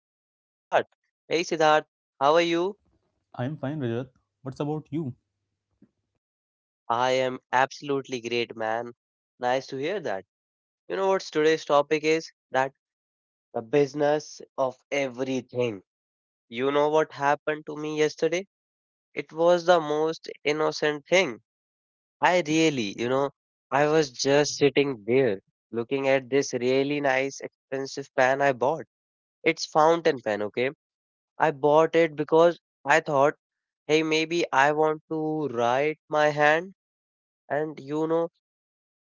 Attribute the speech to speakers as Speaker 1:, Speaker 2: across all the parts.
Speaker 1: host Siddharth. Hey, Siddharth, how are you?
Speaker 2: I am fine, Rajat. What's about you?
Speaker 1: I am absolutely great, man. Nice to hear that. You know what today's topic is? That The business of everything. You know what happened to me yesterday? It was the most innocent thing. I really, I was just sitting there looking at this really nice expensive pan I bought. It's fountain pen, okay? I bought it because I thought, hey, maybe I want to write my hand and you know,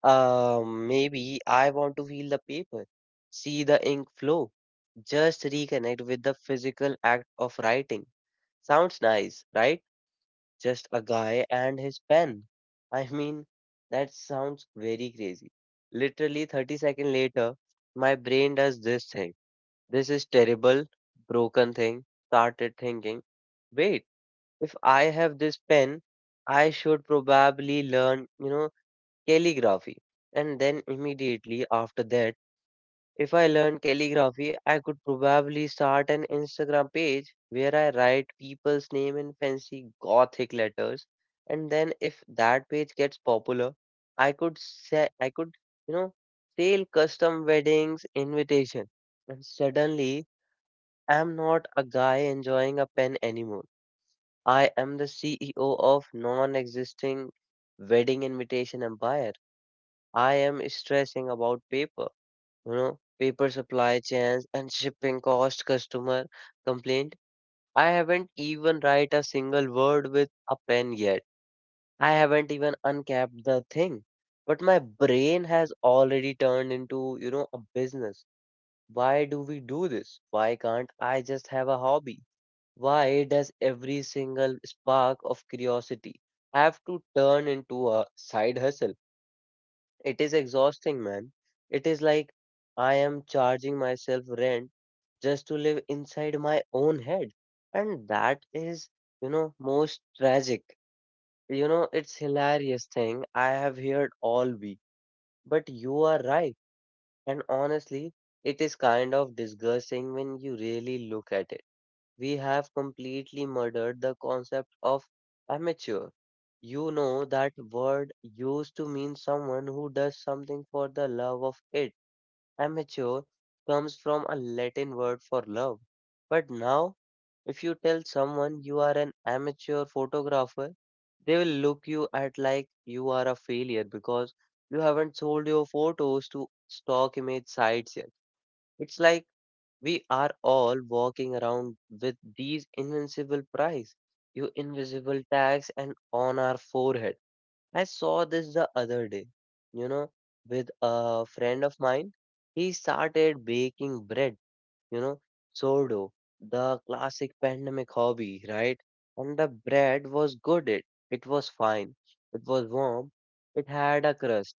Speaker 1: uh, maybe I want to feel the paper, see the ink flow, just reconnect with the physical act of writing. Sounds nice, right? Just a guy and his pen. I mean, that sounds very crazy. Literally 30 seconds later, my brain does this thing. This is terrible, broken thing. Started thinking, wait, if I have this pen, I should probably learn, calligraphy. And then immediately after that, if I learn calligraphy, I could probably start an Instagram page where I write people's name in fancy gothic letters. And then if that page gets popular, I could, you know, sell custom weddings invitation. And suddenly I'm not a guy enjoying a pen anymore. I am the CEO of non-existing wedding invitation empire. I am stressing about paper, paper supply chains and shipping cost customer complaint. I haven't even write a single word with a pen yet. I haven't even uncapped the thing, but my brain has already turned into, a business. Why do we do this? Why can't I just have a hobby? Why does every single spark of curiosity have to turn into a side hustle? It is exhausting, man. It is like I am charging myself rent just to live inside my own head. And that is, most tragic. You know, it's hilarious thing I have heard all week. But you are right. And honestly, it is kind of disgusting when you really look at it. We have completely murdered the concept of amateur. You know, that word used to mean someone who does something for the love of it. Amateur comes from a Latin word for love. But now, if you tell someone you are an amateur photographer, they will look you at like you are a failure because you haven't sold your photos to stock image sites yet. It's like we are all walking around with these invincible prize, you invisible tags, and on our forehead. I saw this the other day, you know, with a friend of mine. He started baking bread, you know, sourdough, the classic pandemic hobby, right? And the bread was good. It was fine. It was warm. It had a crust.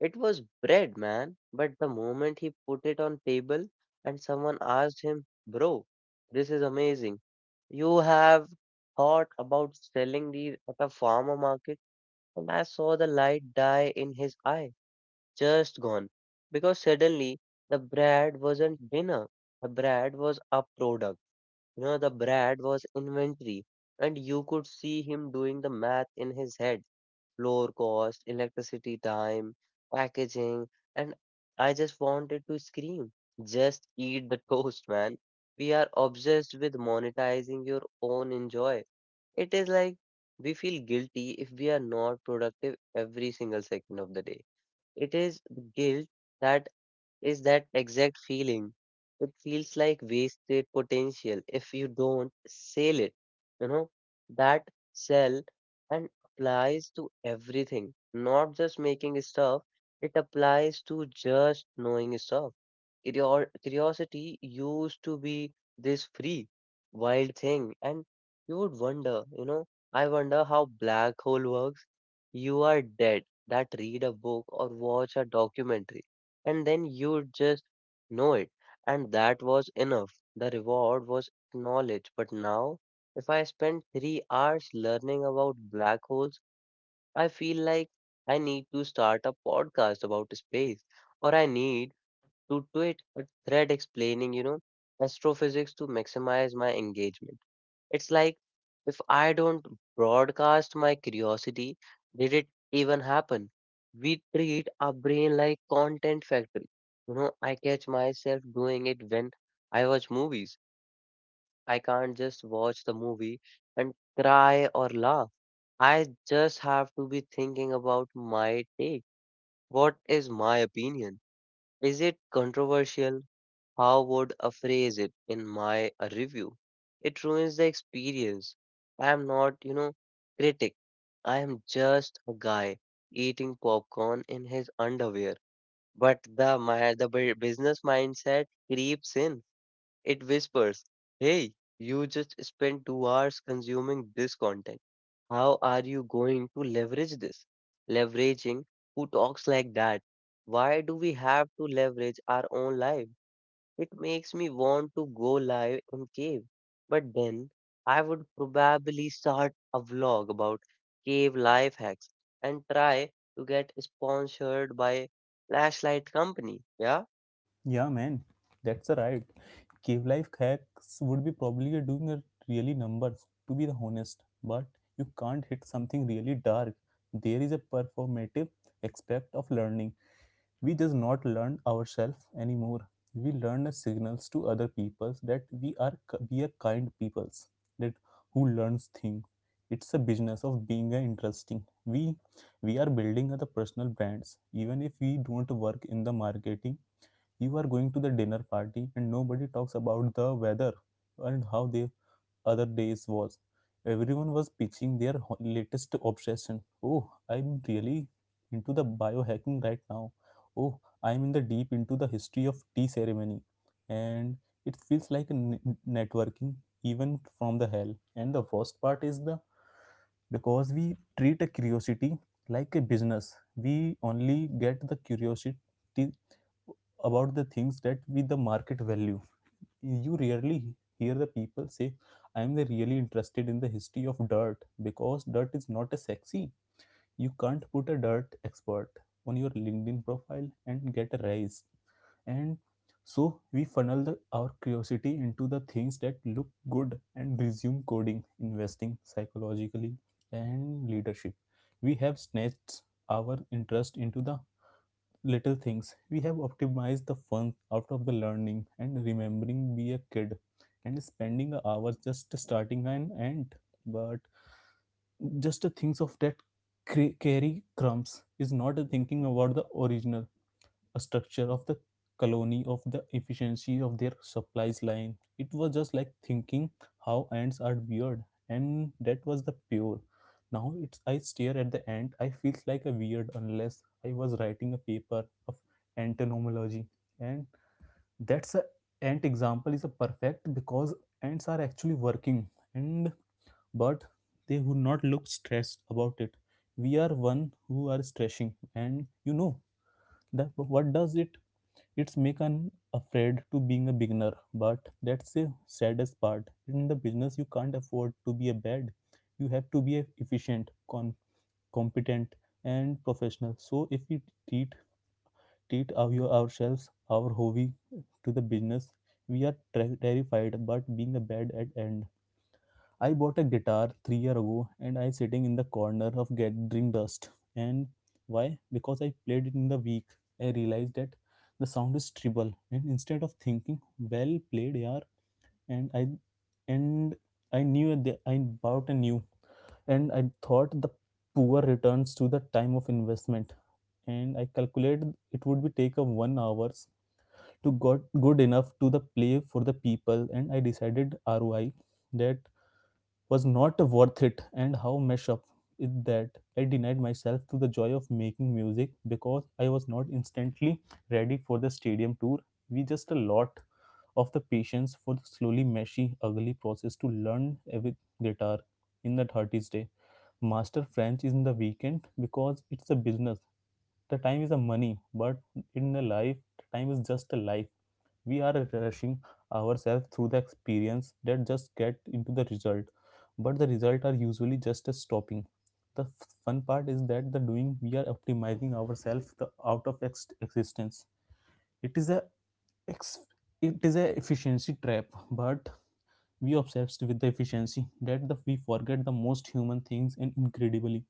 Speaker 1: It was bread, man. But the moment he put it on table and someone asked him, "Bro, this is amazing. You have thought about selling these at a farmer market?" And I saw the light die in his eye, just gone. Because suddenly the bread wasn't dinner. The bread was a product. You know, the bread was inventory. And you could see him doing the math in his head, lower cost, electricity, time, packaging, and I just wanted to scream. Just eat the toast, man. We are obsessed with monetizing your own enjoy. It is like we feel guilty if we are not productive every single second of the day. It is the guilt that is that exact feeling. It feels like wasted potential if you don't sell it. You know, that sell and applies to everything, not just making stuff, it applies to just knowing stuff. Curiosity used to be this free, wild thing, and you would wonder, I wonder how black hole works. You are dead that read a book or watch a documentary and then you just know it. And that was enough. The reward was knowledge. But now, if I spend 3 hours learning about black holes, I feel like I need to start a podcast about space, or I need to tweet a thread explaining, astrophysics to maximize my engagement. It's like if I don't broadcast my curiosity, did it even happen? We treat our brain like content factory. You know, I catch myself doing it when I watch movies. I can't just watch the movie and cry or laugh. I just have to be thinking about my take. What is my opinion? Is it controversial? How would I phrase it in my review? It ruins the experience. I am not, critic. I am just a guy eating popcorn in his underwear. But the business mindset creeps in. It whispers, "Hey, you just spent 2 hours consuming this content. How are you going to leverage this? Leveraging who talks like that? Why do we have to leverage our own life? It makes me want to go live and cave. But then I would probably start a vlog about cave life hacks and try to get sponsored by flashlight company. Yeah?
Speaker 2: Yeah, man, that's a ride. Cave life hacks would be probably doing a really numbers, to be the honest. But you can't hit something really dark. There is a performative aspect of learning. We just not learn ourselves anymore. We learn signals to other people that we are kind peoples that who learns things. It's a business of being a interesting. We we are building the personal brands. Even if we don't work in the marketing, you are going to the dinner party and nobody talks about the weather and how they other days was. Everyone was pitching their latest obsession. Oh, I'm really into the biohacking right now. Oh, I'm in the deep into the history of tea ceremony. And it feels like a networking even from the hell. And the worst part is the because we treat a curiosity like a business. We only get the curiosity about the things that with the market value. You rarely hear the people say I'm really interested in the history of dirt, because dirt is not a sexy. You can't put a dirt expert on your LinkedIn profile and get a raise. And so we funnel our curiosity into the things that look good and resume coding, investing psychologically and leadership. We have snatched our interest into the little things. We have optimized the fun out of the learning and remembering we a kid and spending hours just starting an ant. But just the things of that carry crumbs is not thinking about the original a structure of the colony of the efficiency of their supplies line. It was just like thinking how ants are weird, and that was the pure. Now it's I stare at the ant, I feel like a weird unless I was writing a paper of entomology. And that's a ant example is a perfect because ants are actually working and but they would not look stressed about it. We are one who are stressing, and you know that what does it, it's make an afraid to being a beginner. But that's the saddest part in the business. You can't afford to be a bad. You have to be efficient, competent and professional. So if we treat treat ourselves our hobby to the business, we are terrified but being a bad at end. I bought a guitar 3 year ago and I sitting in the corner of gathering dust. And why? Because I played it in the week. I realized that the sound is treble. And instead of thinking, well played, yeah, and I and I knew that I bought a new. And I thought the poor returns to the time of investment. And I calculated it would be take a 1 hours to got good enough to the play for the people. And I decided ROI that was not worth it. And how messed up is that? I denied myself to the joy of making music because I was not instantly ready for the stadium tour. We just a lot of the patience for the slowly meshy ugly process to learn every guitar in the 30s day. Master French is in the weekend because it's a business. The time is a money, but in a life, the time is just a life. We are refreshing ourselves through the experience that just get into the result, but the result are usually just a stopping the fun part is that the doing. We are optimizing ourselves the out of existence. It is a ex- it is a efficiency trap. But we obsessed with the efficiency that we forget the most human things and incredibly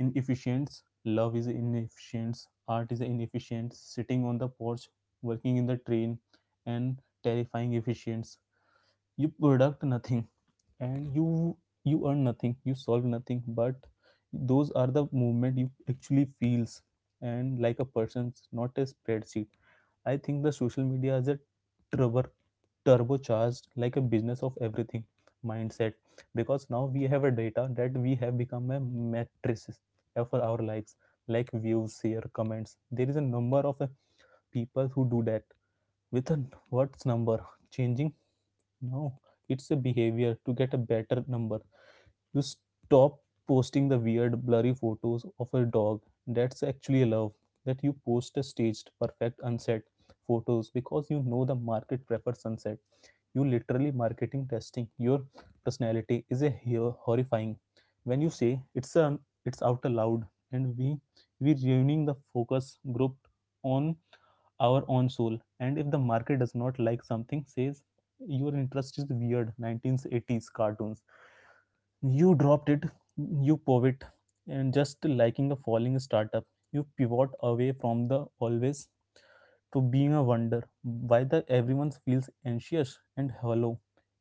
Speaker 2: inefficients. Love is inefficient, art is inefficient, sitting on the porch, working in the train and terrifying efficients. You product nothing, and you earn nothing, you solve nothing, but those are the movement you actually feels, and like a person's not a spreadsheet. I think the social media is a turbo turbocharged like a business of everything mindset, because now we have a data that we have become a matrices for our lives, like views, share, comments. There is a number of people who do that with a what's number changing? No, it's a behavior to get a better number. You stop posting the weird, blurry photos of a dog that's actually love. That you post a staged, perfect unset photos because you know the market prefers sunset. You literally marketing testing your personality is a horrifying. When you say it's a it's out aloud, and we ruining the focus group on our own soul. And if the market does not like something, says your interest is weird 1980s cartoons, you dropped it, you pivot and just liking a falling startup. You pivot away from the always to being a wonder why the everyone feels anxious and hollow.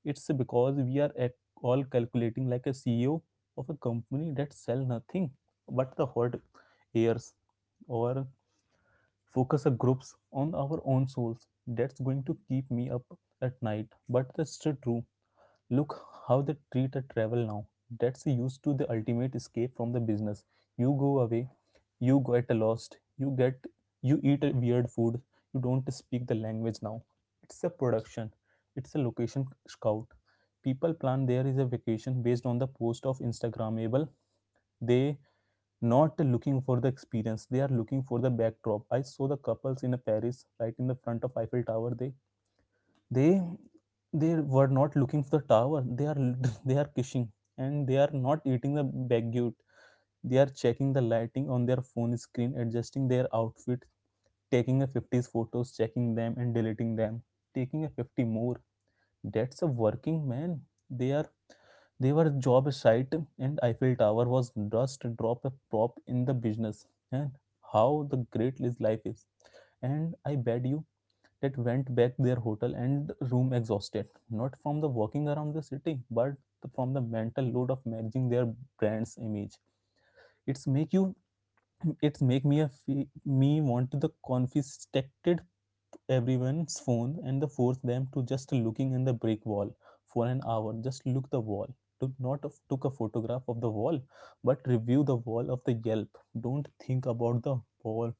Speaker 2: It's because we are at all calculating like a CEO of a company that sell nothing but the hot airs or focus a groups on our own souls. That's going to keep me up at night, but that's the true. Look how the treat a travel now. That's used to the ultimate escape from the business. You go away, you get lost, you get you eat a weird food, you don't speak the language now. It's a production. It's a location scout. People plan there is a vacation based on the post of Instagramable. They not looking for the experience. They are looking for the backdrop. I saw the couples in a Paris right in the front of Eiffel Tower. They they were not looking for the tower, they are they are kissing, and they are not eating the baguette. They are checking the lighting on their phone screen, adjusting their outfit, taking a 50s photos, checking them and deleting them, taking a 50 more. That's a working man. They are they were job site, and Eiffel Tower was just drop a prop in the business. And how the great life is. And I bet you that went back their hotel and room exhausted, not from the walking around the city, but from the mental load of managing their brand's image. It's make you, it's make me a me want the confiscated everyone's phone and the force them to just looking in the brick wall for an hour. Just look the wall. Took not of, took a photograph of the wall, but review the wall of the Yelp. Don't think about the wall.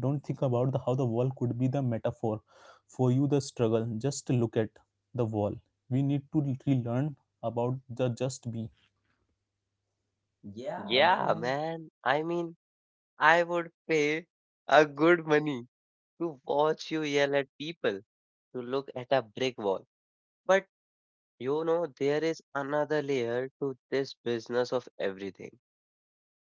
Speaker 2: Don't think about the how the wall could be the metaphor for you the struggle, just look at the wall. We need to relearn about the just be. Yeah,
Speaker 1: Yeah,
Speaker 2: man.
Speaker 1: man. I mean, I would pay a good money to watch you yell at people, to look at a brick wall. But you know, there is another layer to this business of everything.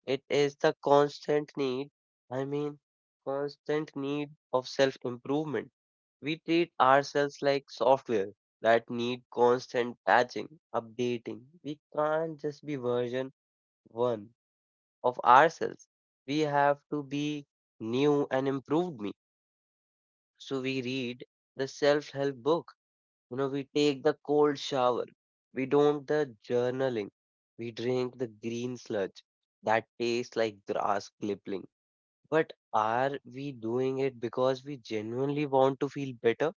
Speaker 1: It is the constant need, I mean, constant need of self improvement. We treat ourselves like software that need constant patching, updating. We can't just be version one of ourselves. We have to be new and improved me. So we read the self-help book. You know, we take the cold shower. We don't the journaling. We drink the green sludge that tastes like grass clipping, but are we doing it because we genuinely want to feel better?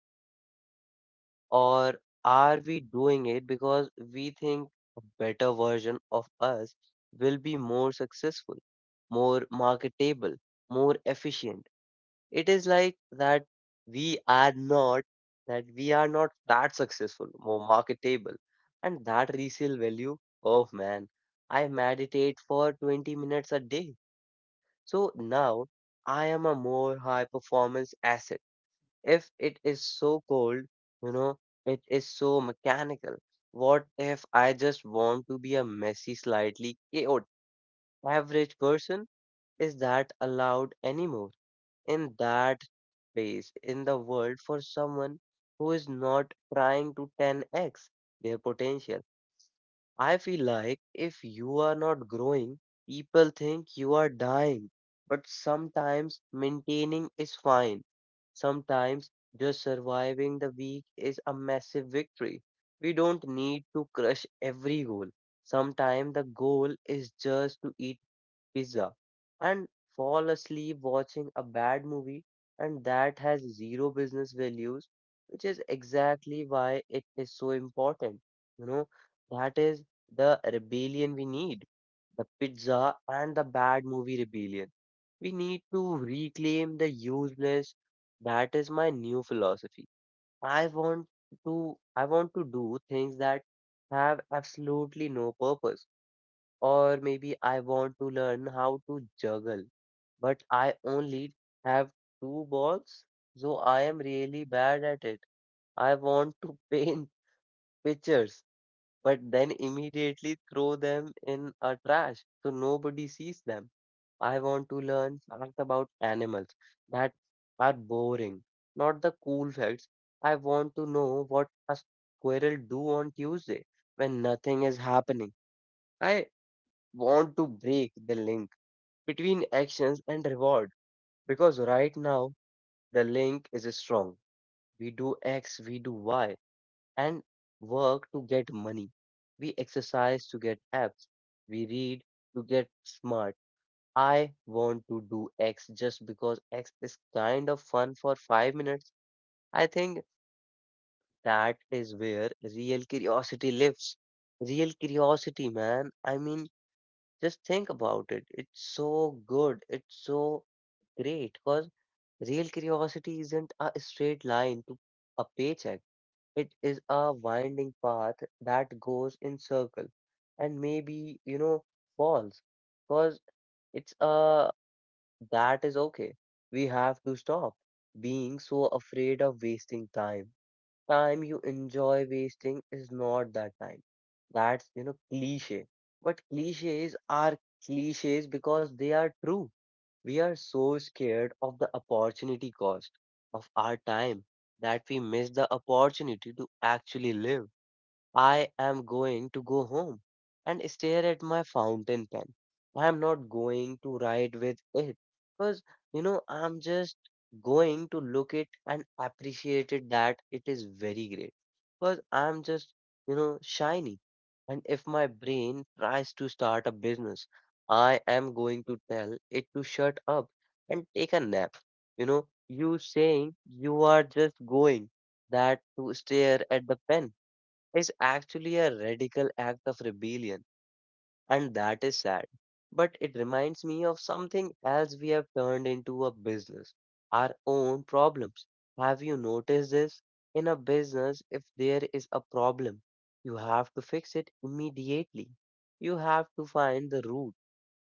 Speaker 1: Or are we doing it because we think a better version of us will be more successful, more marketable, more efficient? It is like that we are not we are not that successful, more marketable. And that resale value, oh man, I meditate for 20 minutes a day so now I am a more high performance asset. If it is so cold, you know, it is so mechanical. What if I just want to be a messy, slightly chaotic average person? Is that allowed anymore in that space in the world for someone who is not trying to 10x their potential? I feel like if you are not growing, people think you are dying. But sometimes maintaining is fine. Sometimes just surviving the week is a massive victory. We don't need to crush every goal. Sometimes the goal is just to eat pizza and fall asleep watching a bad movie, and that has zero business values, which is exactly why it is so important. you know that is the rebellion we need, the pizza and the bad movie rebellion. We need to reclaim the useless. That is my new philosophy. i want to I want to do things that have absolutely no purpose, or maybe I want to learn how to juggle, but I only have two balls, so I am really bad at it. I want to paint pictures, but then immediately throw them in a trash so nobody sees them. I want to learn facts about animals that are boring, not the cool facts. I want to know what a squirrel do on Tuesday when nothing is happening. I want to break the link between actions and reward because right now the link is strong. We do X, we do Y, and work to get money. We exercise to get abs. We read to get smart. I want to do X just because X is kind of fun for 5 minutes. I think that is where real curiosity lives. Real curiosity, man. I mean, just think about it. It's so good. It's so Great, because real curiosity isn't a straight line to a paycheck. It is a winding path that goes in circle and maybe, falls. Because it's that is okay. We have to stop being so afraid of wasting time. Time you enjoy wasting is not that time. That's, cliche. But cliches are cliches because they are true. We are so scared of the opportunity cost of our time that we miss the opportunity to actually live. I am going to go home and stare at my fountain pen. I am not going to write with it because, I'm just going to look it and appreciate it that it is very great because I'm just, shiny. And if my brain tries to start a business, I am going to tell it to shut up and take a nap. You saying you are just going that to stare at the pen is actually a radical act of rebellion, and that is sad. But it reminds me of something else we have turned into a business, our own problems. Have you noticed this? In a business, if there is a problem, you have to fix it immediately. You have to find the root,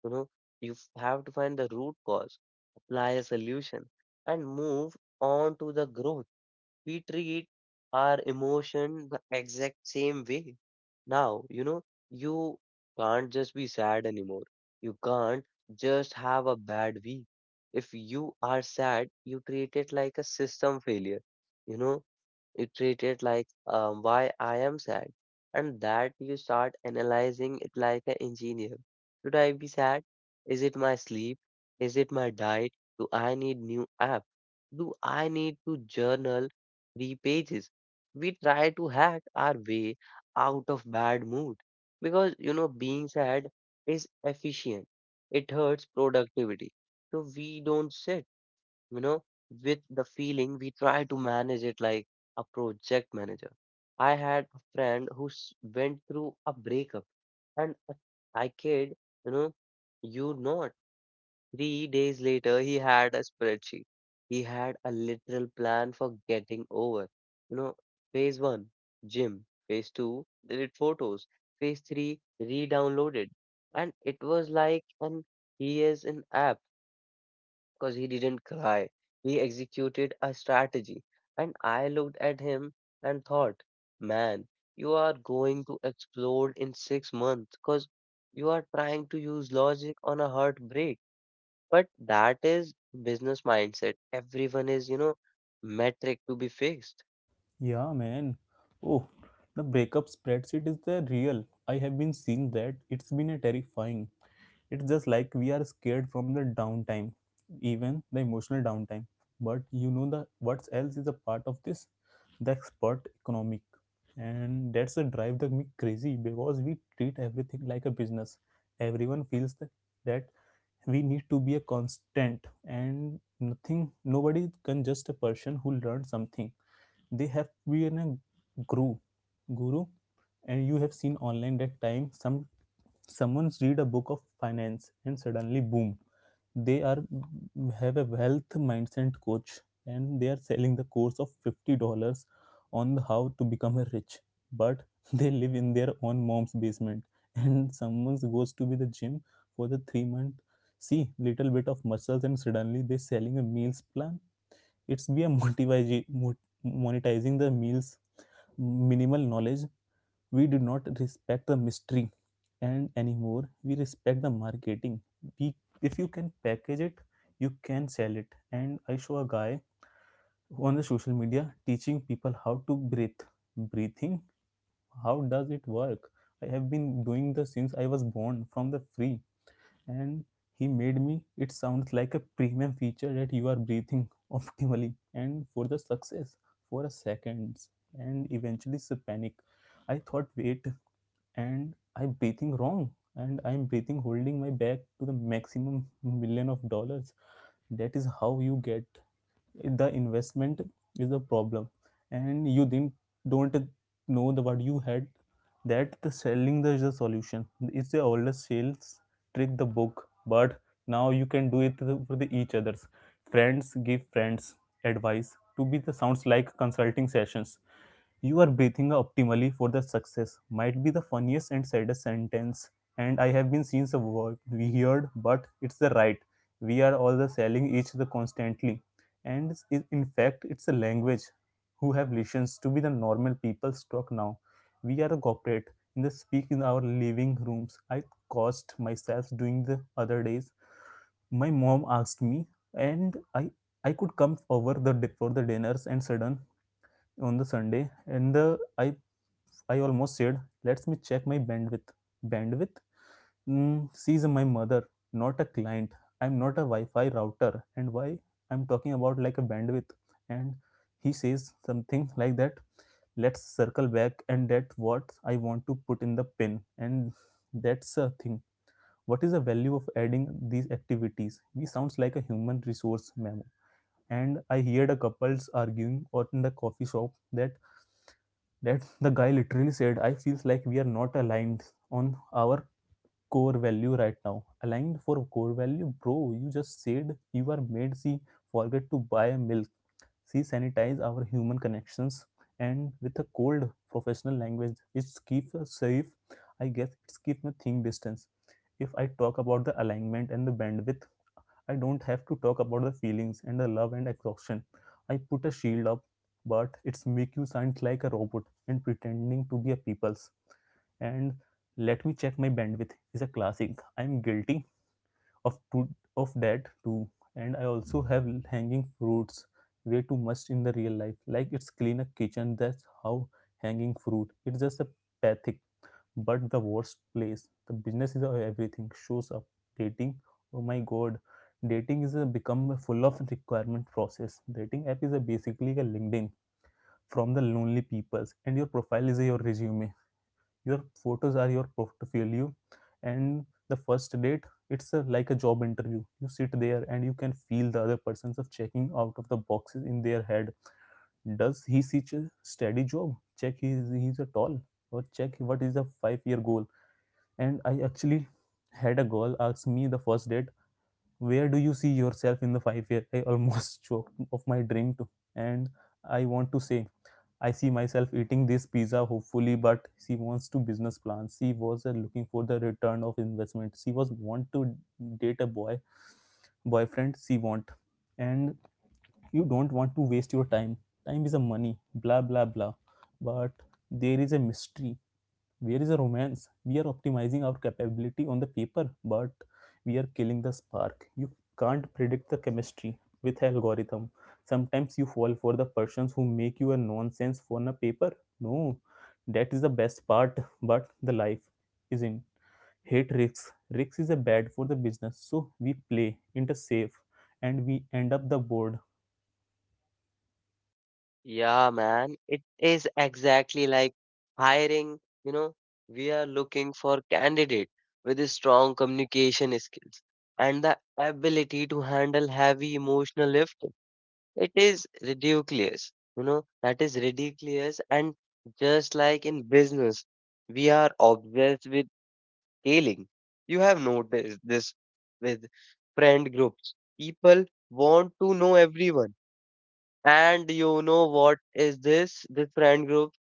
Speaker 1: you know, have to find the root cause, apply a solution, and move on to the growth. We treat our emotion the exact same way now. You can't just be sad anymore. You can't just have a bad week. If you are sad, you treat it like a system failure. You know, you treat it like, why I am sad, and that you start analyzing it like an engineer. Should I be sad? Is it my sleep? Is it my diet? Do I need new app? Do I need to journal 3 pages? We try to hack our way out of bad mood because, you know, being sad is efficient. It hurts productivity. So we don't sit, you know, with the feeling. We try to manage it like a project manager. I had a friend who went through a breakup and a, I kid you know, you not. 3 days later, he had a spreadsheet. He had a literal plan for getting over. You know, phase 1, gym. Phase 2, delete photos. Phase 3, re-downloaded. And it was like, and he is an app because he didn't cry. He executed a strategy. And I looked at him and thought, man, you are going to explode in 6 months because you are trying to use logic on a heartbreak. But that is business mindset. Everyone is, you know, metric to be fixed.
Speaker 2: Yeah, man. Oh, the breakup spreadsheet is the real. I have been seeing that, it's been a terrifying. It's just like we are scared from the downtime, even the emotional downtime. But you know the what else is a part of this, the expert economic, and that's a drive that me crazy because we treat everything like a business. Everyone feels that, that we need to be a constant, and nothing nobody can just a person who learned something, they have to be in a guru guru. And you have seen online that time some someone's read a book of finance and suddenly boom, they are have a wealth mindset coach, and they are selling the course of $50 on how to become a rich, but they live in their own mom's basement. And someone goes to be the gym for the 3 month, see little bit of muscles, and suddenly they selling a meals plan. It's be a motivizing, monetizing the meals, minimal knowledge. We do not respect the mystery and anymore, we respect the marketing. We if you can package it, you can sell it. And I show a guy on the social media teaching people how to breathe. Breathing, how does it work? I have been doing this since I was born from the free. And he made me it sounds like a premium feature that you are breathing optimally and for the success for a seconds. And eventually it's panic. I thought, wait, and I'm breathing wrong, and I'm breathing holding my back to the maximum million of dollars. That is how you get the investment is the problem, and you didn't don't know the what you had, that the selling the is the solution. It's the oldest sales trick the book, but now you can do it for the each others. Friends give friends advice to be the sounds like consulting sessions. You are breathing optimally for the success might be the funniest and saddest sentence. And I have been seen the word we heard, but it's the right. We are all the selling each the constantly, and is in fact it's a language. Who have listens to be the normal people's talk now? We are a corporate in the speak in our living rooms. I cost myself doing the other days. My mom asked me, and I could come over the for the dinners and sudden on the Sunday, and the I almost said, "Let me check my bandwidth." Bandwidth? Mm, she's my mother, not a client. I'm not a Wi-Fi router, and why I'm talking about like a bandwidth. And he says something like that. Let's circle back, and that's what I want to put in the pin. And that's a thing. What is the value of adding these activities? We sounds like a human resource memo. And I heard a couples arguing out in the coffee shop that the guy literally said, I feels like we are not aligned on our core value right now. Aligned for core value, bro. You just said you are made see forget to buy a milk. See sanitize our human connections and with a cold professional language. It's keep us safe. I guess it's keep me think distance. If I talk about the alignment and the bandwidth, I don't have to talk about the feelings and the love and exhaustion. I put a shield up, but it's make you sound like a robot and pretending to be a people's. And let me check my bandwidth is a classic. I'm guilty of to, of that too. And I also have hanging fruits way too much in the real life. Like it's clean a kitchen. That's how hanging fruit. It's just a pathetic. But the worst place, the business is everything. Shows up, dating. Oh my god, dating is a become a full of requirement process. Dating app is a basically a LinkedIn from the lonely peoples, and your profile is your resume. Your photos are your portfolio, and the first date it's a, like a job interview. You sit there and you can feel the other person's of checking out of the boxes in their head. Does he seek a steady job? Check. He is he's a tall or check. What is the 5-year goal? And I actually had a girl ask me the first date, where do you see yourself in the 5 years? I almost choked of my drink too. And I want to say I see myself eating this pizza hopefully, but she wants to business plans. She was looking for the return of investment. She was want to date a boyfriend she want. And you don't want to waste your Time is a money, blah blah blah. But there is a mystery. Where is the romance? We are optimizing our capability on the paper, but we are killing the spark. You can't predict the chemistry with algorithm. Sometimes you fall for the persons who make you a nonsense on a paper. No, that is the best part, but the life is in hate risks. Risks is a bad for the business, so we play into safe and we end up the board.
Speaker 1: Yeah, man, it is exactly like hiring. You know, we are looking for candidate with a strong communication skills and the ability to handle heavy emotional lift. It is ridiculous, you know, that is ridiculous. And just like in business, we are obsessed with scaling. You have noticed this with friend groups. People want to know everyone, and you know what is this? This friend group,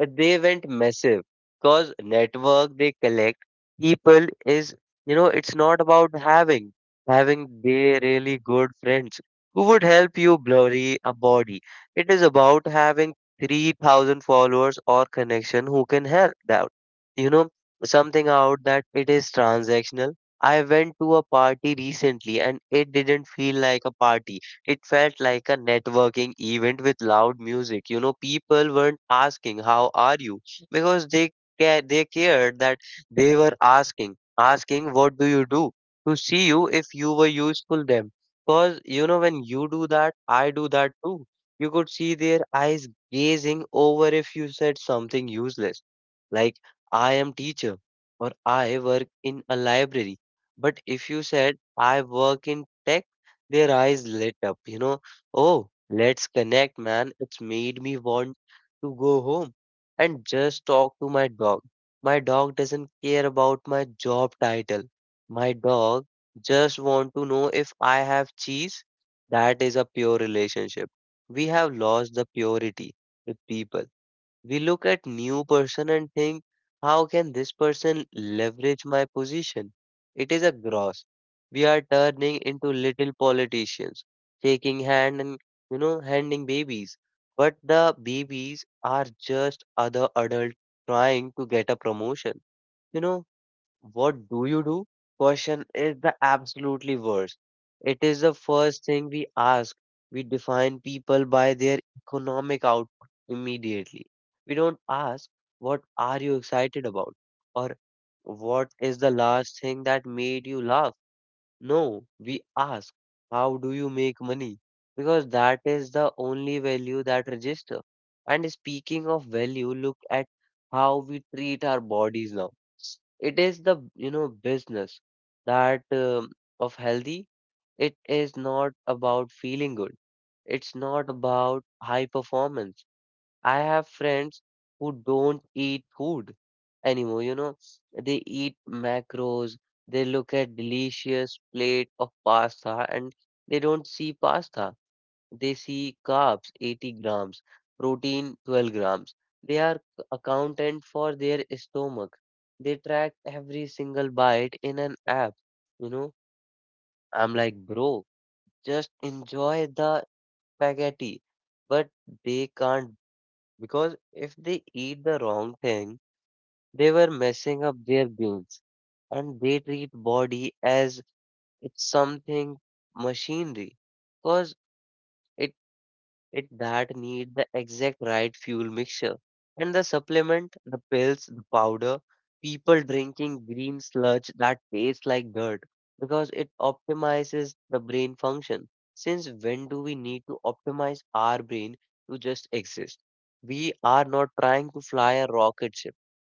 Speaker 1: they went massive because network they collect people is, you know, it's not about having they really good friends who would help you blurry a body. It is about having 3,000 followers or connection who can help out. You know, something out that it is transactional. I went to a party recently and it didn't feel like a party, it felt like a networking event with loud music. You know, people weren't asking, "How are you?" because they, they cared that they were asking, "What do you do?" to see you if you were useful them. Because, you know, when you do that, I do that too. You could see their eyes gazing over if you said something useless like, "I am teacher," or "I work in a library," but if you said, "I work in tech," their eyes lit up, you know. Oh, let's connect, man. It's made me want to go home and just talk to my dog. My dog doesn't care about my job title. My dog just want to know if I have cheese. That is a pure relationship. We have lost the purity with people. We look at new person and think, how can this person leverage my position? It is a gross. We are turning into little politicians, shaking hand and, you know, handing babies. But the babies are just other adult trying to get a promotion. You know, "What do you do?" question is the absolutely worst. It is the first thing we ask. We define people by their economic output immediately. We don't ask, "What are you excited about?" Or, "What is the last thing that made you laugh?" No, we ask, "How do you make money?" Because that is the only value that register. And speaking of value, look at how we treat our bodies now. It is the, you know, business that, of healthy. It is not about feeling good. It's not about high performance. I have friends who don't eat food anymore. You know, they eat macros, they look at delicious plate of pasta and they don't see pasta. They see carbs 80 grams, protein 12 grams. They are accountant for their stomach. They track every single bite in an app. You know, I'm like, bro, just enjoy the spaghetti. But they can't, because if they eat the wrong thing, they were messing up their gains. And they treat body as it's something machinery. Because it it that need the exact right fuel mixture and the supplement, the pills, the powder. People drinking green sludge that tastes like dirt because it optimizes the brain function. Since when do we need to optimize our brain to just exist? We are not trying to fly a rocket ship,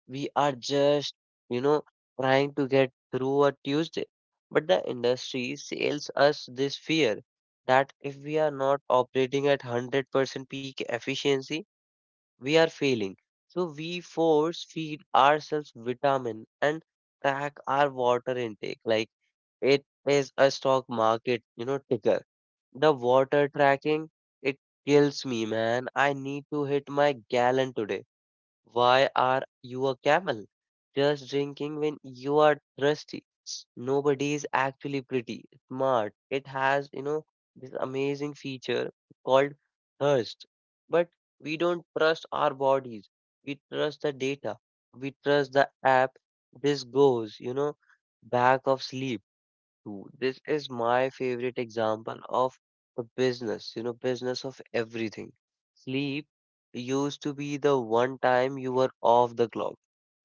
Speaker 1: we are just, you know, trying to get through a Tuesday. But the industry sells us this fear that if we are not operating at 100% peak efficiency, we are failing. So we force feed ourselves vitamin and track our water intake. Like it is a stock market, you know, ticker. The water tracking, it kills me, man. I need to hit my gallon today. Why are you a camel? Just drinking when you are thirsty. Nobody is actually pretty smart. It has, you know, this amazing feature called thirst. But we don't trust our bodies. We trust the data. We trust the app. This goes, you know, back of sleep. True. This is my favorite example of a business, you know, business of everything. Sleep used to be the one time you were off the clock.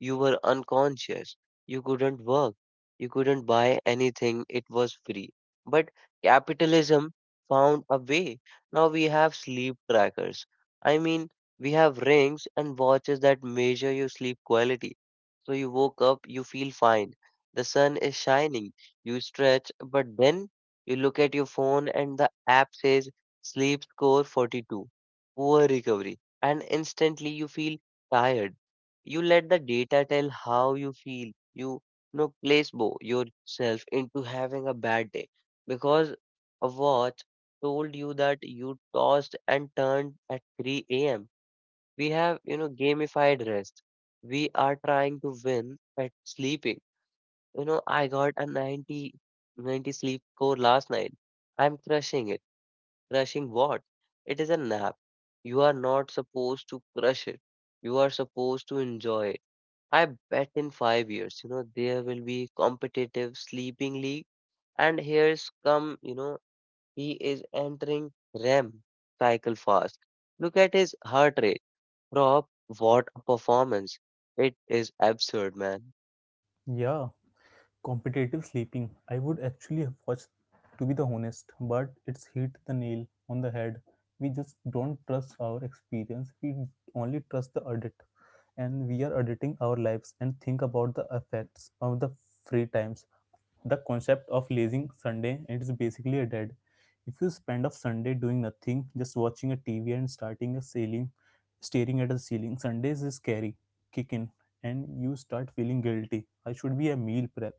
Speaker 1: You were unconscious. You couldn't work. You couldn't buy anything. It was free. But capitalism found a way. Now we have sleep trackers. I mean, we have rings and watches that measure your sleep quality. So you woke up, you feel fine. The sun is shining, you stretch, but then you look at your phone and the app says sleep score 42, poor recovery, and instantly you feel tired. You let the data tell how you feel. You know, placebo yourself into having a bad day because a watch told you that you tossed and turned at 3 a.m. We have, you know, gamified rest. We are trying to win at sleeping. You know, I got a ninety sleep score last night. I'm crushing it. Crushing what? It is a nap. You are not supposed to crush it. You are supposed to enjoy it. I bet in 5 years, you know, there will be competitive sleeping league. And here's come, you know, he is entering REM cycle fast. Look at his heart rate. Rob, what a performance. It is absurd, man.
Speaker 2: Yeah, competitive sleeping. I would actually have watched, to be the honest, but it's hit the nail on the head. We just don't trust our experience. We only trust the audit, and we are auditing our lives and think about the effects of the free times. The concept of lazing Sunday it's basically a dead. If you spend off Sunday doing nothing, just watching a TV and starting a ceiling, staring at the ceiling, Sundays is scary, kick in, and you start feeling guilty. I should be a meal prep,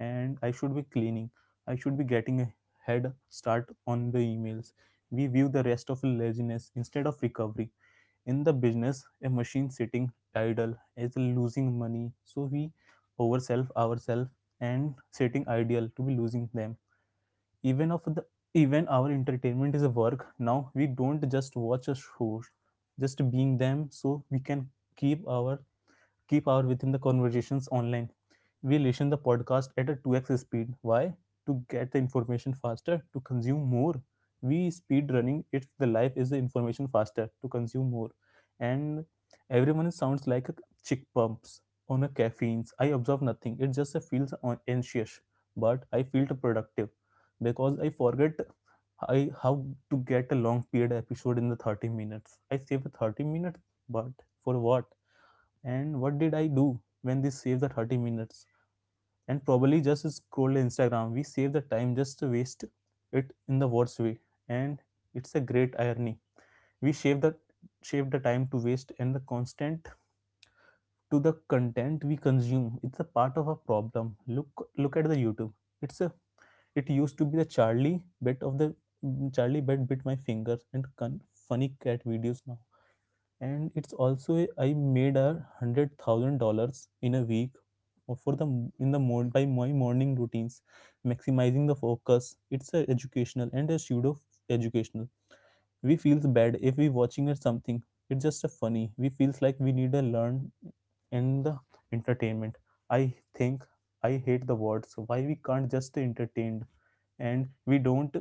Speaker 2: and I should be cleaning. I should be getting a head start on the emails. We view the rest of laziness instead of recovery. In the business a machine sitting idle is losing money, so we oversell ourselves and sitting idle to be losing them. Even of the even our entertainment is a work now. We don't just watch a show, just being them so we can keep our keep our within the conversations online. We listen the podcast at a 2x speed. Why? To get the information faster, to consume more. We speed running it the life is the information faster to consume more. And everyone sounds like a chick pumps on a caffeines. I observe nothing. It just feels on- anxious. But I feel productive because I forget I how to get a long period episode in the 30 minutes. I save a 30 minutes, but for what? And what did I do when this saves the 30 minutes? And probably just scroll Instagram. We save the time just to waste it in the worst way, and it's a great irony. We save the time to waste and the constant to the content we consume. It's a part of a problem. Look at the YouTube. It's a it used to be the Charlie bit my fingers and funny cat videos now, and it's also I made $100,000 in a week or for the in the morning by my morning routines, maximizing the focus. It's a educational and a pseudo educational. We feels bad if we watching or something. It's just a funny. We feels like we need a learn and the entertainment. I think I hate the words. Why we can't just entertained? And we don't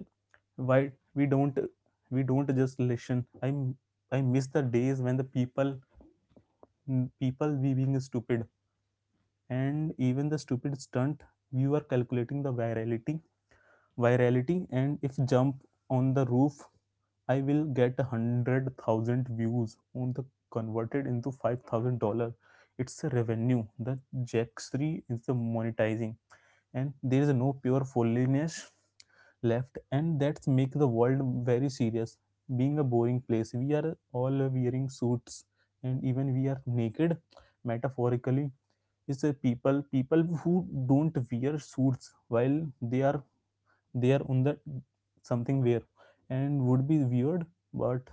Speaker 2: why we don't just listen. I miss the days when the people we being stupid. And even the stupid stunt, you are calculating the virality. And if jump on the roof, I will get 100,000 views on the converted into $5,000. It's a revenue. The jackstree is the monetizing, and there is no pure foolishness left. And that's make the world very serious, being a boring place. We are all wearing suits, and even we are naked metaphorically. Is a people who don't wear suits while they are on the something where, and would be weird. But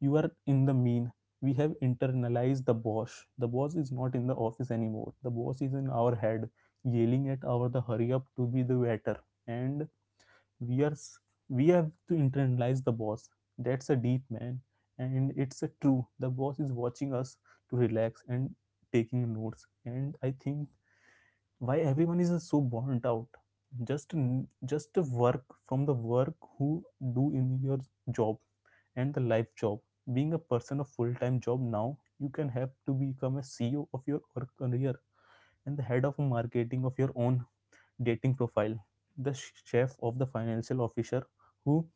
Speaker 2: you are in the mean, we have internalized the boss. The boss is not in the office anymore. The boss is in our head yelling at our the hurry up to be the better. And we are we have to internalize the boss. That's a deep, man. And it's a true. The boss is watching us to relax and taking notes. And I think why everyone is so burnt out. Just just work from the work who do in your job, and the life job, being a person of full-time job. Now you can have to become a CEO of your career, and the head of marketing of your own dating profile, the chef of the financial officer who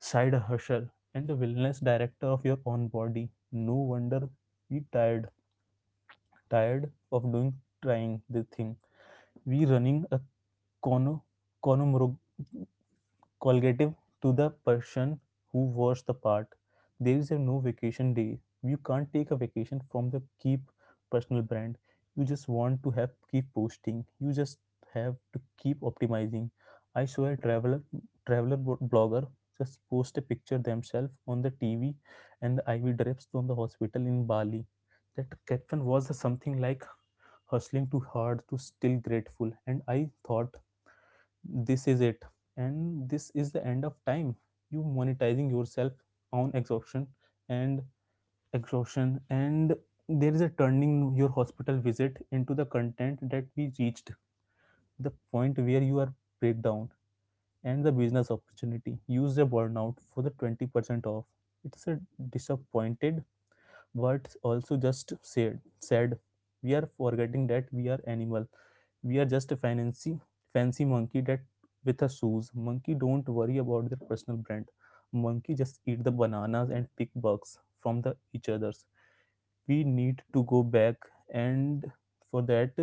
Speaker 2: side hustle, and the wellness director of your own body. No wonder we tired, of doing trying the thing. We running a cono, collective to the person who was the part. There is a no vacation day. You can't take a vacation from the keep personal brand. You just want to have keep posting. You just have to keep optimizing. I saw a traveler blogger just post a picture themselves on the TV and the IV drips from the hospital in Bali. That caption was something like hustling too hard to still grateful, and I thought this is it, and this is the end of time. You monetizing yourself on exhaustion and and there is a turning your hospital visit into the content that we reached the point where you are breakdown and the business opportunity use a burnout for the 20% off. It's a disappointed what also just said we are forgetting that we are animal. We are just a fancy monkey that with a shoes. Monkey don't worry about their personal brand. Monkey just eat the bananas and pick bugs from the each others. We need to go back, and for that,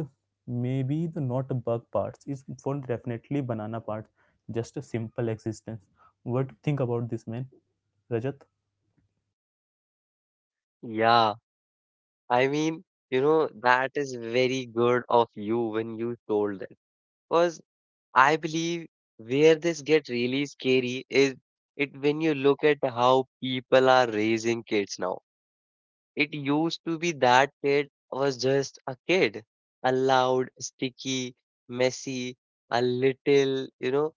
Speaker 2: maybe the not bug parts is for definitely banana parts. Just a simple existence. What do you think about this, man, Rajat?
Speaker 1: Yeah. I mean, you know, that is very good of you when you told that. Because I believe where this get really scary is it when you look at how people are raising kids now. It used to be that kid was just a kid, a loud, sticky, messy, a little, you know,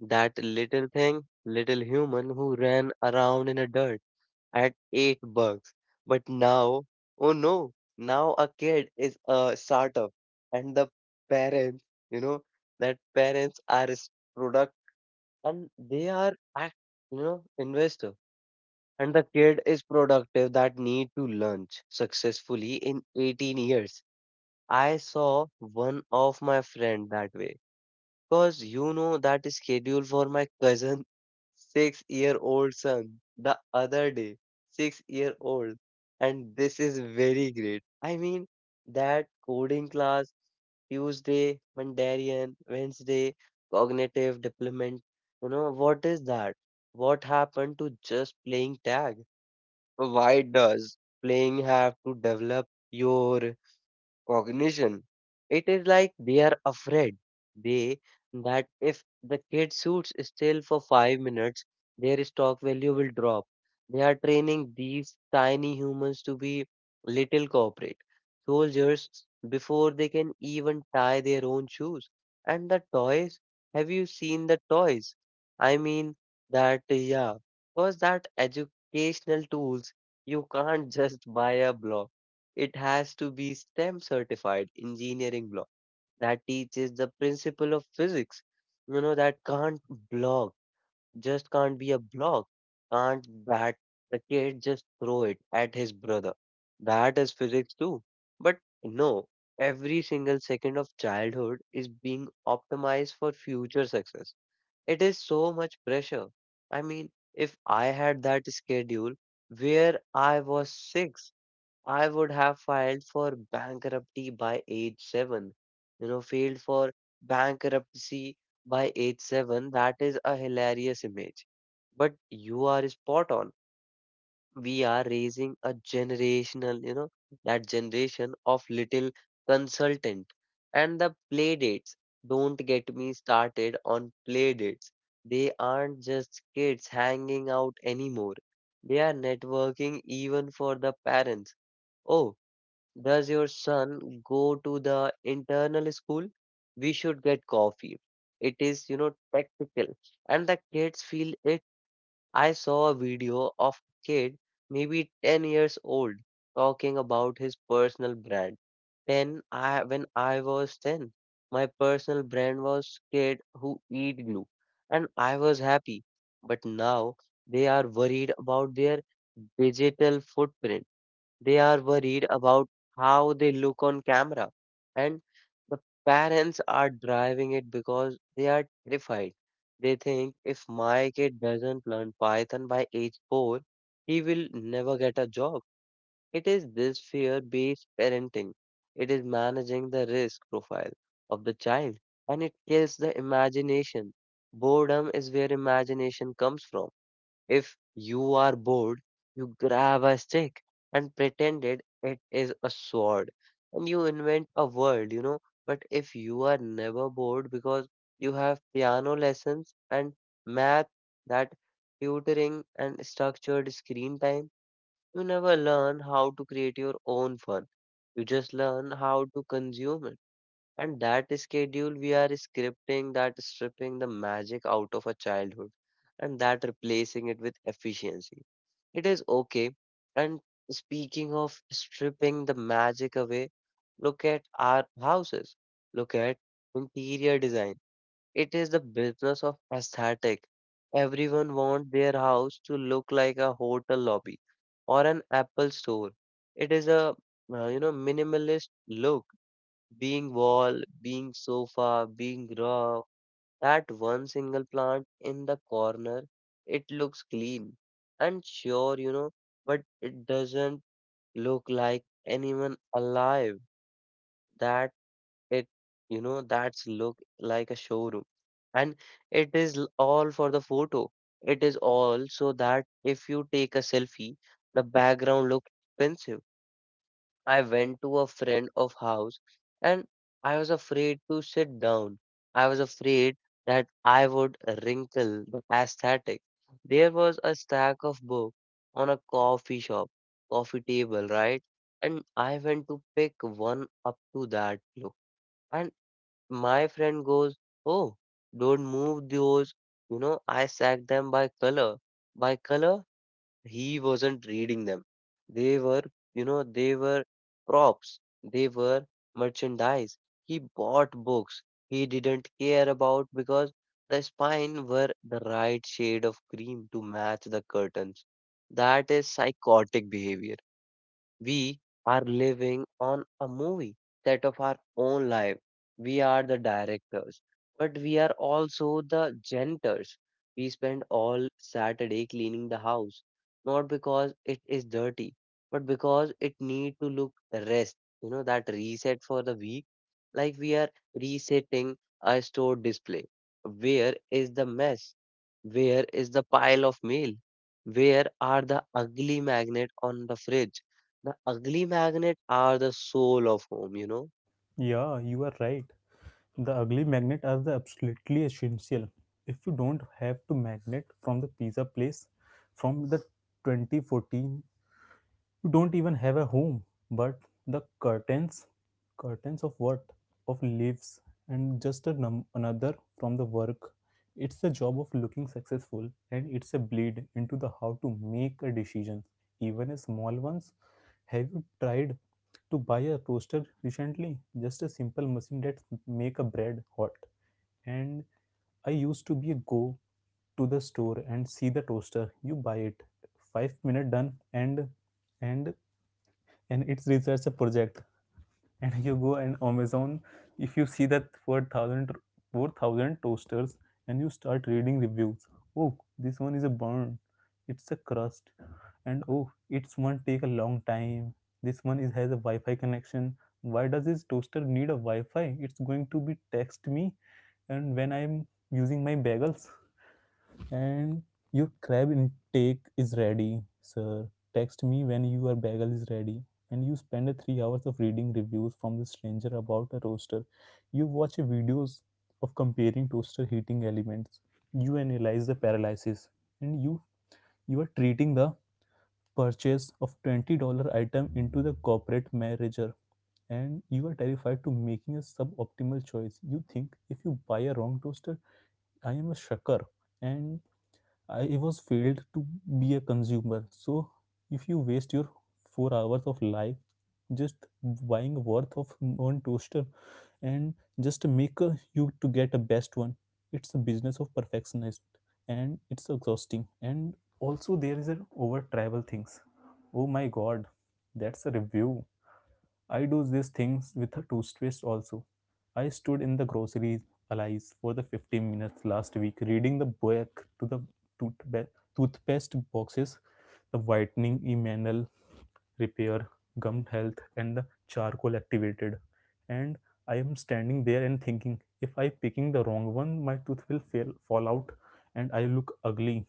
Speaker 1: that little thing, little human who ran around in a dirt at $8. But now, oh no, now a kid is a startup, and the parents, you know, that parents are product and they are act, you know, investor. And the kid is productive that need to launch successfully in 18 years. I saw one of my friend that way. Cause you know that schedule for my cousin 6 year old son the other day. 6 year old. And this is very great. I mean, that coding class Tuesday, Mandarin, Wednesday, cognitive development. You know, what is that? What happened to just playing tag? Why does playing have to develop your cognition? It is like they are afraid. They that if the kid suits still for 5 minutes, their stock value will drop. They are training these tiny humans to be little corporate soldiers before they can even tie their own shoes. And the toys, have you seen the toys? I mean that, yeah, because that educational tools, you can't just buy a block. It has to be STEM certified engineering block that teaches the principle of physics. You know, that can't block, just can't be a block. Can't bat the kid just throw it at his brother. That is physics too. But no, every single second of childhood is being optimized for future success. It is so much pressure. I mean, if I had that schedule where I was six, I would have filed for bankruptcy by age 7. You know, filed for bankruptcy by age seven. That is a hilarious image. But you are spot on. We are raising a generational, you know, that generation of little consultant. And the play dates. Don't get me started on play dates. They aren't just kids hanging out anymore. They are networking even for the parents. Oh, does your son go to the internal school? We should get coffee. It is, you know, practical. And the kids feel it. I saw a video of a kid, maybe 10 years old, talking about his personal brand. Then when I was 10, my personal brand was kid who eat glue. And I was happy. But now they are worried about their digital footprint. They are worried about how they look on camera, and the parents are driving it because they are terrified. They think if my kid doesn't learn Python by age 4, he will never get a job. It is this fear based parenting, it is managing the risk profile of the child, and it kills the imagination. Boredom is where imagination comes from. If you are bored, you grab a stick and pretended it is a sword and you invent a world, you know. But if you are never bored because you have piano lessons and math, that tutoring and structured screen time, you never learn how to create your own fun. You just learn how to consume it. And that schedule we are scripting that stripping the magic out of a childhood and that replacing it with efficiency. It is okay. And speaking of stripping the magic away, look at our houses. Look at interior design. It is the business of aesthetic. Everyone wants their house to look like a hotel lobby or an Apple store. It is a you know minimalist look being wall, being sofa, being rug, that one single plant in the corner, it looks clean and sure, you know, but it doesn't look like anyone alive. That it, you know, that's look like a showroom. And it is all for the photo. It is all so that if you take a selfie, the background looks expensive. I went to a friend of house and I was afraid to sit down. I was afraid that I would wrinkle the aesthetic. There was a stack of book on a coffee shop, coffee table, right? And I went to pick one up to that look. And my friend goes, "Oh, don't move those. You know, I stack them by color." By color? He wasn't reading them. They were, you know, they were props. They were merchandise. He bought books he didn't care about because the spine were the right shade of cream to match the curtains. That is psychotic behavior. We are living on a movie set of our own life. We are the directors, but we are also the janitors. We spend all Saturday cleaning the house, not because it is dirty, but because it need to look rest, you know, that reset for the week. Like we are resetting a store display. Where is the mess? Where is the pile of mail? Where are the ugly magnet on the fridge? The ugly magnet are the soul of home, you know.
Speaker 2: Yeah, you are right. The ugly magnet are the absolutely essential. If you don't have to magnet from the pizza place from the 2014, you don't even have a home. But the curtains of what? Of leaves and just a num- another from the work. It's the job of looking successful, and it's a bleed into the how to make a decision, even a small ones. Have you tried to buy a toaster recently? Just a simple machine that make a bread hot and I used to be a go to the store and see the toaster you buy it, 5-minute done, and and it's research a project, and you go and Amazon. If you see that 4,000 toasters and you start reading reviews, oh this one is a burn, it's a crust, and oh it's one take a long time, this one is has a Wi-Fi connection. Why does this toaster need a Wi-Fi? It's going to be text me, and when I'm using my bagels, and your crab intake is ready sir, text me when your bagel is ready. And you spend 3 hours of reading reviews from the stranger about a roaster, you watch videos of comparing toaster heating elements, you analyze the paralysis, and you are treating the purchase of $20 item into the corporate manager, and you are terrified to making a suboptimal choice. You think if you buy a wrong toaster, I am a shucker, and I was failed to be a consumer. So if you waste your 4 hours of life just buying worth of one toaster, and just make a, you to get a best one, it's a business of perfectionist and it's exhausting. And also there is an over travel things. Oh my god, that's a review. I do these things with a toothpaste also. I stood in the grocery aisles for the 15 minutes last week reading the back to the toothpa- toothpaste boxes, the whitening enamel repair, gum health, and the charcoal activated. And I am standing there and thinking, if I picking the wrong one, my tooth will fail, fall out and I look ugly,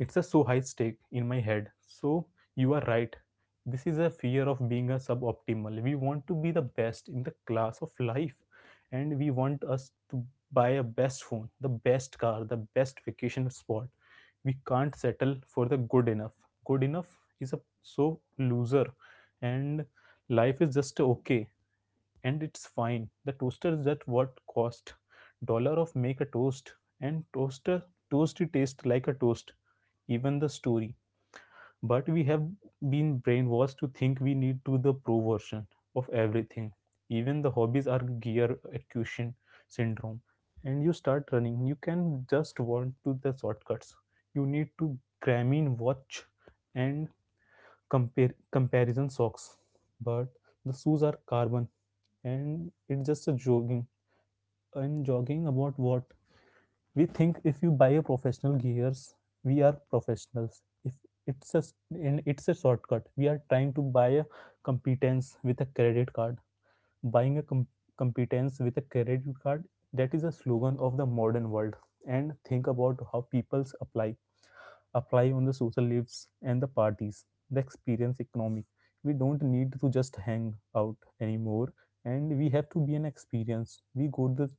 Speaker 2: it's a so high stake in my head. So you are right. This is a fear of being a suboptimal. We want to be the best in the class of life, and we want us to buy a best phone, the best car, the best vacation spot. We can't settle for the good enough. Good enough is a so loser, and life is just okay and it's fine. The toaster is at what cost? Dollar of make a toast, and toaster toasty taste like a toast even the story. But we have been brainwashed to think we need to the pro version of everything. Even the hobbies are gear acquisition syndrome. And you start running, you can just want to the shortcuts. You need to Garmin watch and compare comparison socks. But the shoes are carbon, and it's just a jogging. And jogging about what? We think if you buy a professional gears, we are professionals. If it's a, it's a shortcut, we are trying to buy a competence with a credit card. Buying a competence with a credit card, that is a slogan of the modern world. And think about how people's apply on the social lives and the parties, the experience economic. We don't need to just hang out anymore, and we have to be an experience.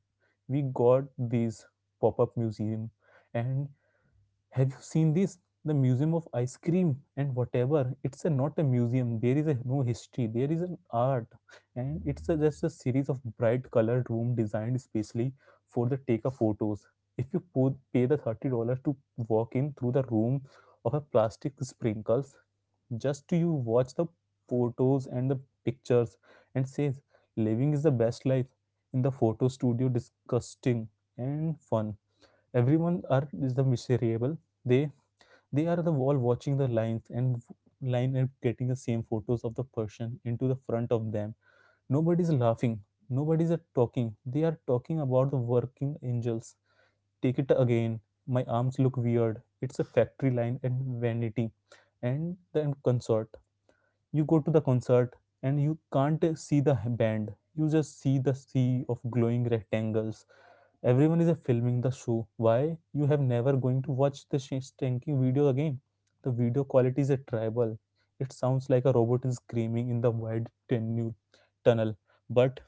Speaker 2: We got these pop-up museum, and have you seen this? The museum of ice cream and whatever. It's a, not a museum. There is a, no history. There is an art, and it's a, just a series of bright colored room designed specially for the take of photos. If you pay the $30 to walk in through the room of a plastic sprinkles, just to you watch the photos and the pictures, and says living is the best life in the photo studio. Disgusting and fun. Everyone are is the miserable, they they are the wall watching the lines and line and getting the same photos of the person into the front of them. Nobody is laughing. Nobody is talking, they are talking about the working angels, take it again, my arms look weird, it's a factory line and vanity. And the consort, you go to the concert and you can't see the band, you just see the sea of glowing rectangles. Everyone is filming the show, why you have never going to watch the stinking video again. The video quality is a tribal, it sounds like a robot is screaming in the wide tunnel, but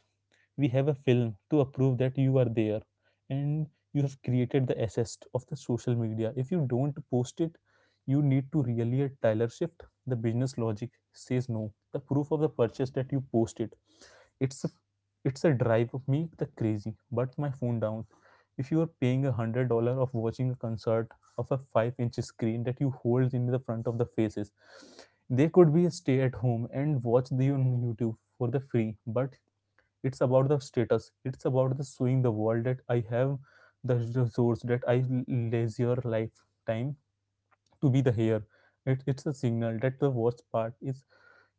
Speaker 2: we have a film to approve that you are there, and you have created the assist of the social media. If you don't post it, you need to really a Tyler shift, the business logic says no, the proof of the purchase that you post it. It's a, it's a drive of me the crazy but my phone down. If you are paying $100 of watching a concert of a 5 inch screen that you hold in the front of the faces, they could be a stay at home and watch the on YouTube for the free. But it's about the status, it's about the showing the world that I have the resource, that I leisure lifetime to be the here. It's a signal that the worst part is,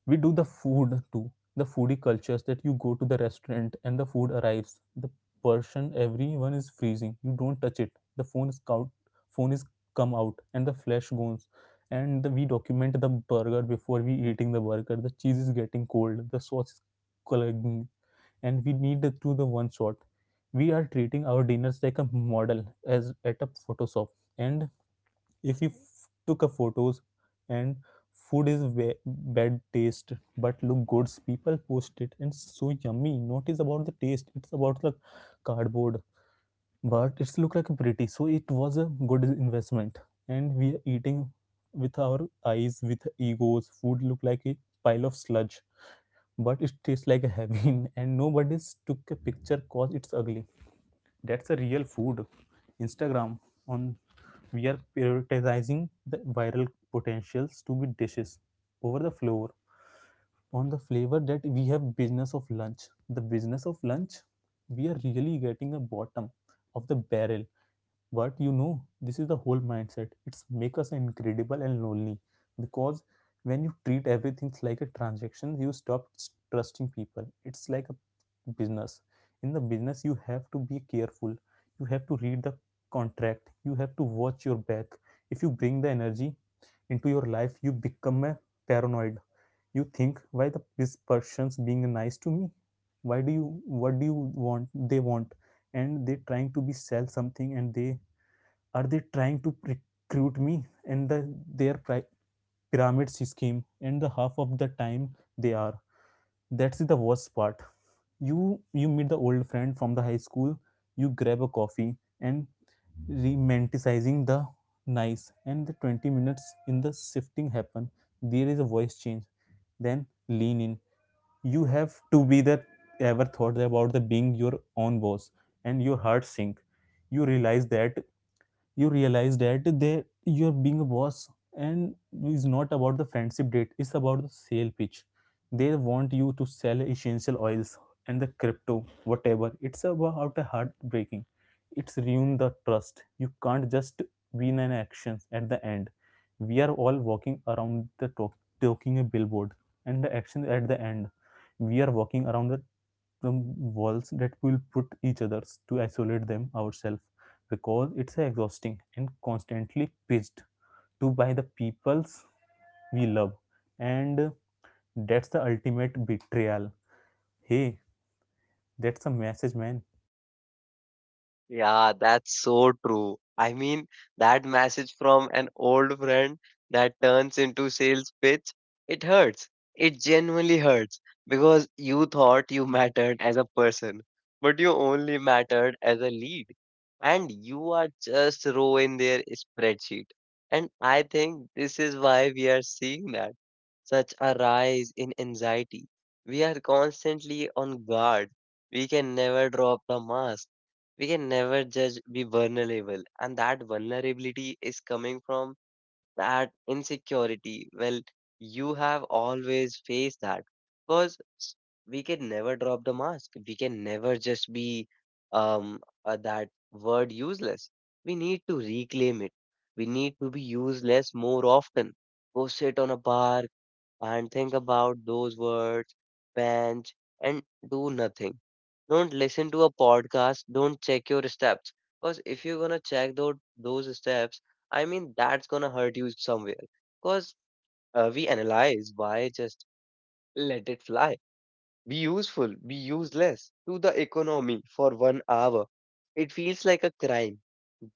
Speaker 2: we do the food too. The foodie cultures that you go to the restaurant and the food arrives, the person everyone is freezing, you don't touch it. The phone is out, phone is come out and the flesh goes, and the, we document the burger before we eating the burger, the cheese is getting cold, the sauce is clogging, and we need it to the one shot. We are treating our dinners like a model as at a Photoshop. And if you took a photos and food is bad taste but look good, people post it and so yummy. Not is about the taste; it's about the cardboard. But it's look like a pretty, so it was a good investment. And we are eating with our eyes, with egos. Food look like a pile of sludge but it tastes like a heaven and nobody took a picture cause it's ugly, that's a real food. Instagram on, we are prioritizing the viral potentials to be dishes over the flavor, on the flavor that we have business of lunch, the business of lunch. We are really getting the bottom of the barrel. But you know, this is the whole mindset. It's make us incredible and lonely, because when you treat everything like a transaction, you stop trusting people. It's like a business. In the business, you have to be careful. You have to read the contract. You have to watch your back. If you bring the energy into your life, you become a paranoid. You think, why the this person's being nice to me? Why do you? What do you want? They want, and they trying to be sell something, and they are they trying to recruit me in the their pyramid scheme and the half of the time they are, that's the worst part. You you meet the old friend from the high school, you grab a coffee, and romanticizing the nice, and the 20 minutes in the shifting happen, there is a voice change, then lean in, you have to be that, ever thought about the being your own boss, and your heart sink. You realize that you realize that they you're being a boss, and it's not about the friendship date, it's about the sale pitch. They want you to sell essential oils and the crypto whatever, it's about a heartbreaking, it's ruin the trust. You can't just win an action at the end, we are all walking around the talk, talking a billboard, and the action at the end, we are walking around the walls that will put each others to isolate them ourselves, because it's exhausting and constantly pitched to by the peoples we love. And that's the ultimate betrayal. Hey, that's a message, man.
Speaker 1: Yeah, that's so true. I mean, that message from an old friend that turns into sales pitch, it hurts. It genuinely hurts because you thought you mattered as a person, but you only mattered as a lead. And you are just row in their spreadsheet. And I think this is why we are seeing that such a rise in anxiety. We are constantly on guard. We can never drop the mask. We can never judge, be vulnerable. And that vulnerability is coming from that insecurity. Well, you have always faced that because we can never drop the mask. We can never just be um, that word useless. We need to reclaim it. We need to be useless more often. Go sit on a bar, and think about those words, bench, and do nothing. Don't listen to a podcast, don't check your steps. Because if you're gonna check those steps, I mean, that's gonna hurt you somewhere. Because we analyze why just let it fly. Be useful, be useless to the economy for 1 hour. It feels like a crime,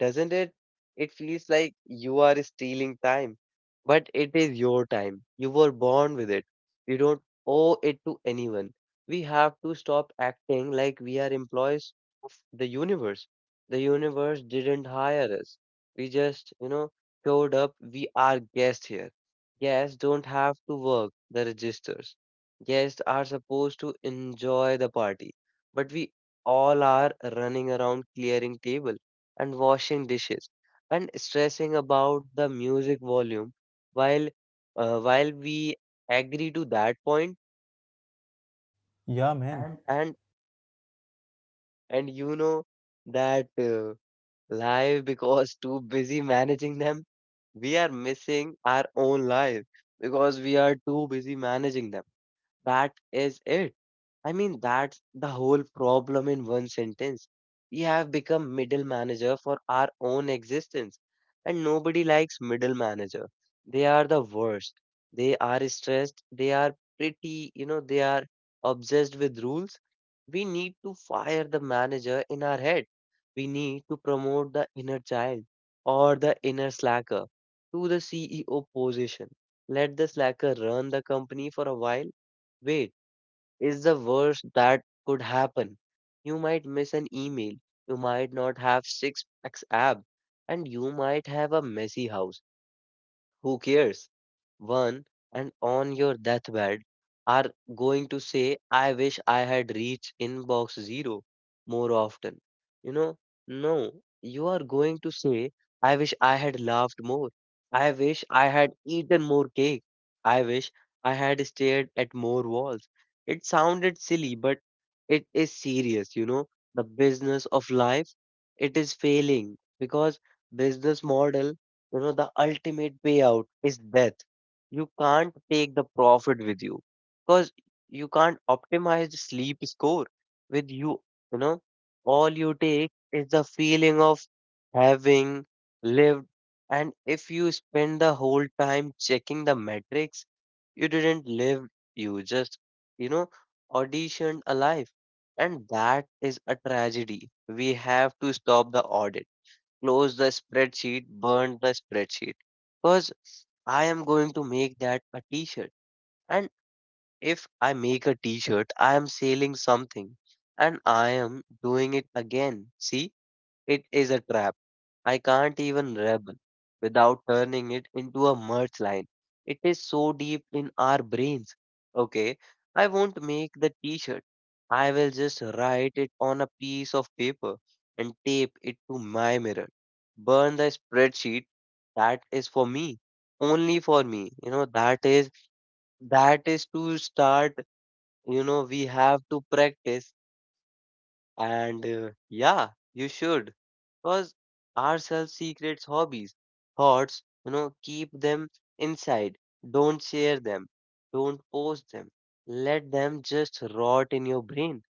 Speaker 1: doesn't it? It feels like you are stealing time, but it is your time. You were born with it. You don't owe it to anyone. We have to stop acting like we are employees of the universe. The universe didn't hire us. We just, you know, showed up. We are guests here. Guests don't have to work the registers. Guests are supposed to enjoy the party, but we all are running around clearing table and washing dishes and stressing about the music volume while while we agree to that point
Speaker 2: Yeah, man.
Speaker 1: and and you know that life because too busy managing them, we are missing our own life because we are too busy managing them. That is it. I mean, that's the whole problem in one sentence. We have become middle manager for our own existence, and nobody likes middle manager. They are the worst. They are stressed. They are pretty, you know, they are obsessed with rules. We need to fire the manager in our head. We need to promote the inner child or the inner slacker to the CEO position. Let the slacker run the company for a while. Wait is the worst that could happen. You might miss an email, you might not have six packs ab, and you might have a messy house. Who cares? One and on your deathbed are going to say, "I wish I had reached inbox zero more often." You know, no, you are going to say, "I wish I had laughed more. I wish I had eaten more cake. I wish I had stared at more walls." It sounded silly, but it is serious, you know. The business of life, it is failing because business model, you know, the ultimate payout is death. You can't take the profit with you because you can't optimize the sleep score with you, you know. All you take is the feeling of having lived, and if you spend the whole time checking the metrics, you didn't live. You just, you know, auditioned alive. And that is a tragedy. We have to stop the audit, close the spreadsheet, burn the spreadsheet. Because I am going to make that a t shirt. And if I make a t shirt, I am selling something and I am doing it again. See, it is a trap. I can't even rebel without turning it into a merch line. It is so deep in our brains. Okay, I won't make the t shirt. I will just write it on a piece of paper and tape it to my mirror. Burn the spreadsheet. That is for me. Only for me. You know, that is to start. You know, we have to practice and yeah, you should. Because ourselves secrets hobbies, thoughts, you know, keep them inside. Don't share them. Don't post them. Let them just rot in your brain.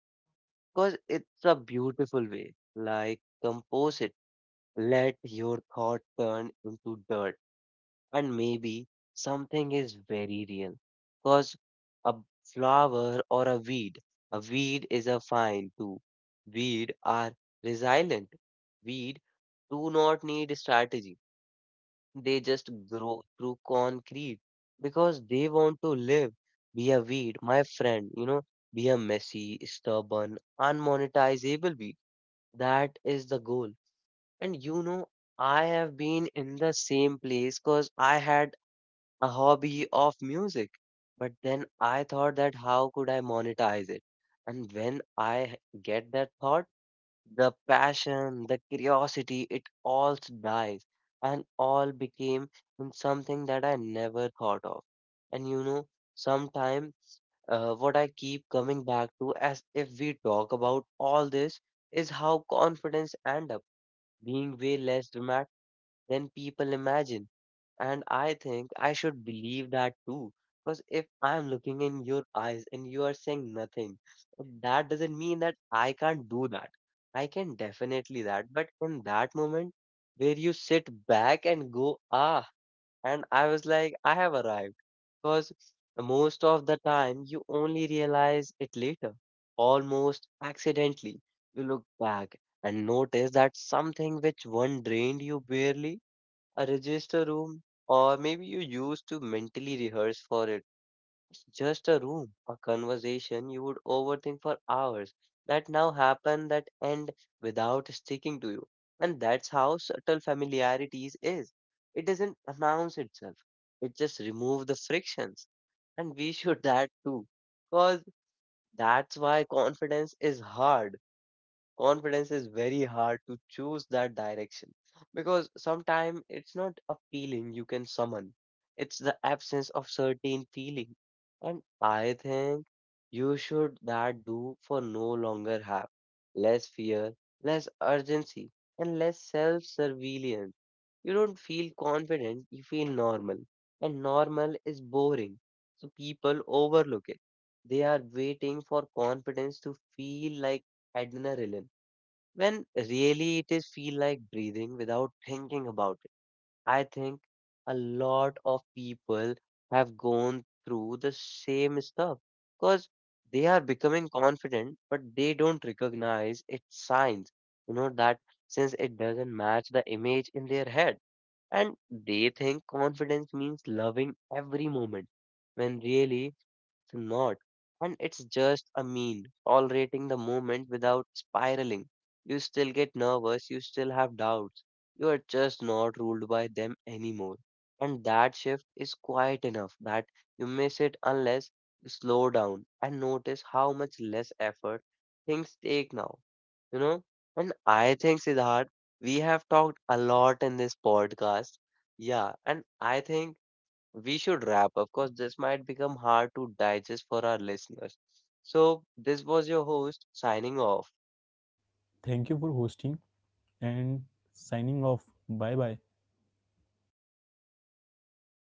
Speaker 1: Because it's a beautiful way. Like compose it. Let your thought turn into dirt and maybe something is very real. Because a flower or a weed is a fine too. Weed are resilient. Weed do not need strategy. They just grow through concrete because they want to live. Be a weed, my friend, you know, be a messy, stubborn, unmonetizable weed. That is the goal. And you know, I have been in the same place because I had a hobby of music. But then I thought that how could I monetize it? And when get that thought, the passion, the curiosity, it all dies and all became in something that I never thought of. And you know, sometime what I keep coming back to as if we talk about all this is how confidence end up being way less dramatic than people imagine, and I think I should believe that too. Because if I'm looking in your eyes and you are saying nothing, that doesn't mean that I can't do that. I can definitely that. But in that moment where you sit back and go, ah, and I was like, I have arrived. Because most of the time you only realize it later, almost accidentally. You look back and notice that something which one drained you barely a register room, or maybe you used to mentally rehearse for it. Just a room, a conversation you would overthink for hours that now happen that end without sticking to you. And that's how subtle familiarities is. It doesn't announce itself. It just removes the frictions. And we should that too. Because that's why confidence is very hard to choose that direction because sometimes it's not a feeling you can summon, it's the absence of certain feeling. And I think you should that do for no longer have less fear, less urgency, and less self surveillance. You don't feel confident, you feel normal, and normal is boring, so people overlook it. They are waiting for confidence to feel like adrenaline when really it is feel like breathing without thinking about it. I think a lot of people have gone through the same stuff because they are becoming confident, but they don't recognize its signs. You know that since it doesn't match the image in their head, and they think confidence means loving every moment when really it's not. And it's just a mean, tolerating the moment without spiraling. You still get nervous, you still have doubts. You are just not ruled by them anymore. And that shift is quiet enough that you miss it unless you slow down and notice how much less effort things take now. You know? And I think, Siddharth, we have talked a lot in this podcast. Yeah. And I think we should wrap up because this might become hard to digest for our listeners. So, this was your host signing off.
Speaker 2: Thank you for hosting and signing off. Bye bye.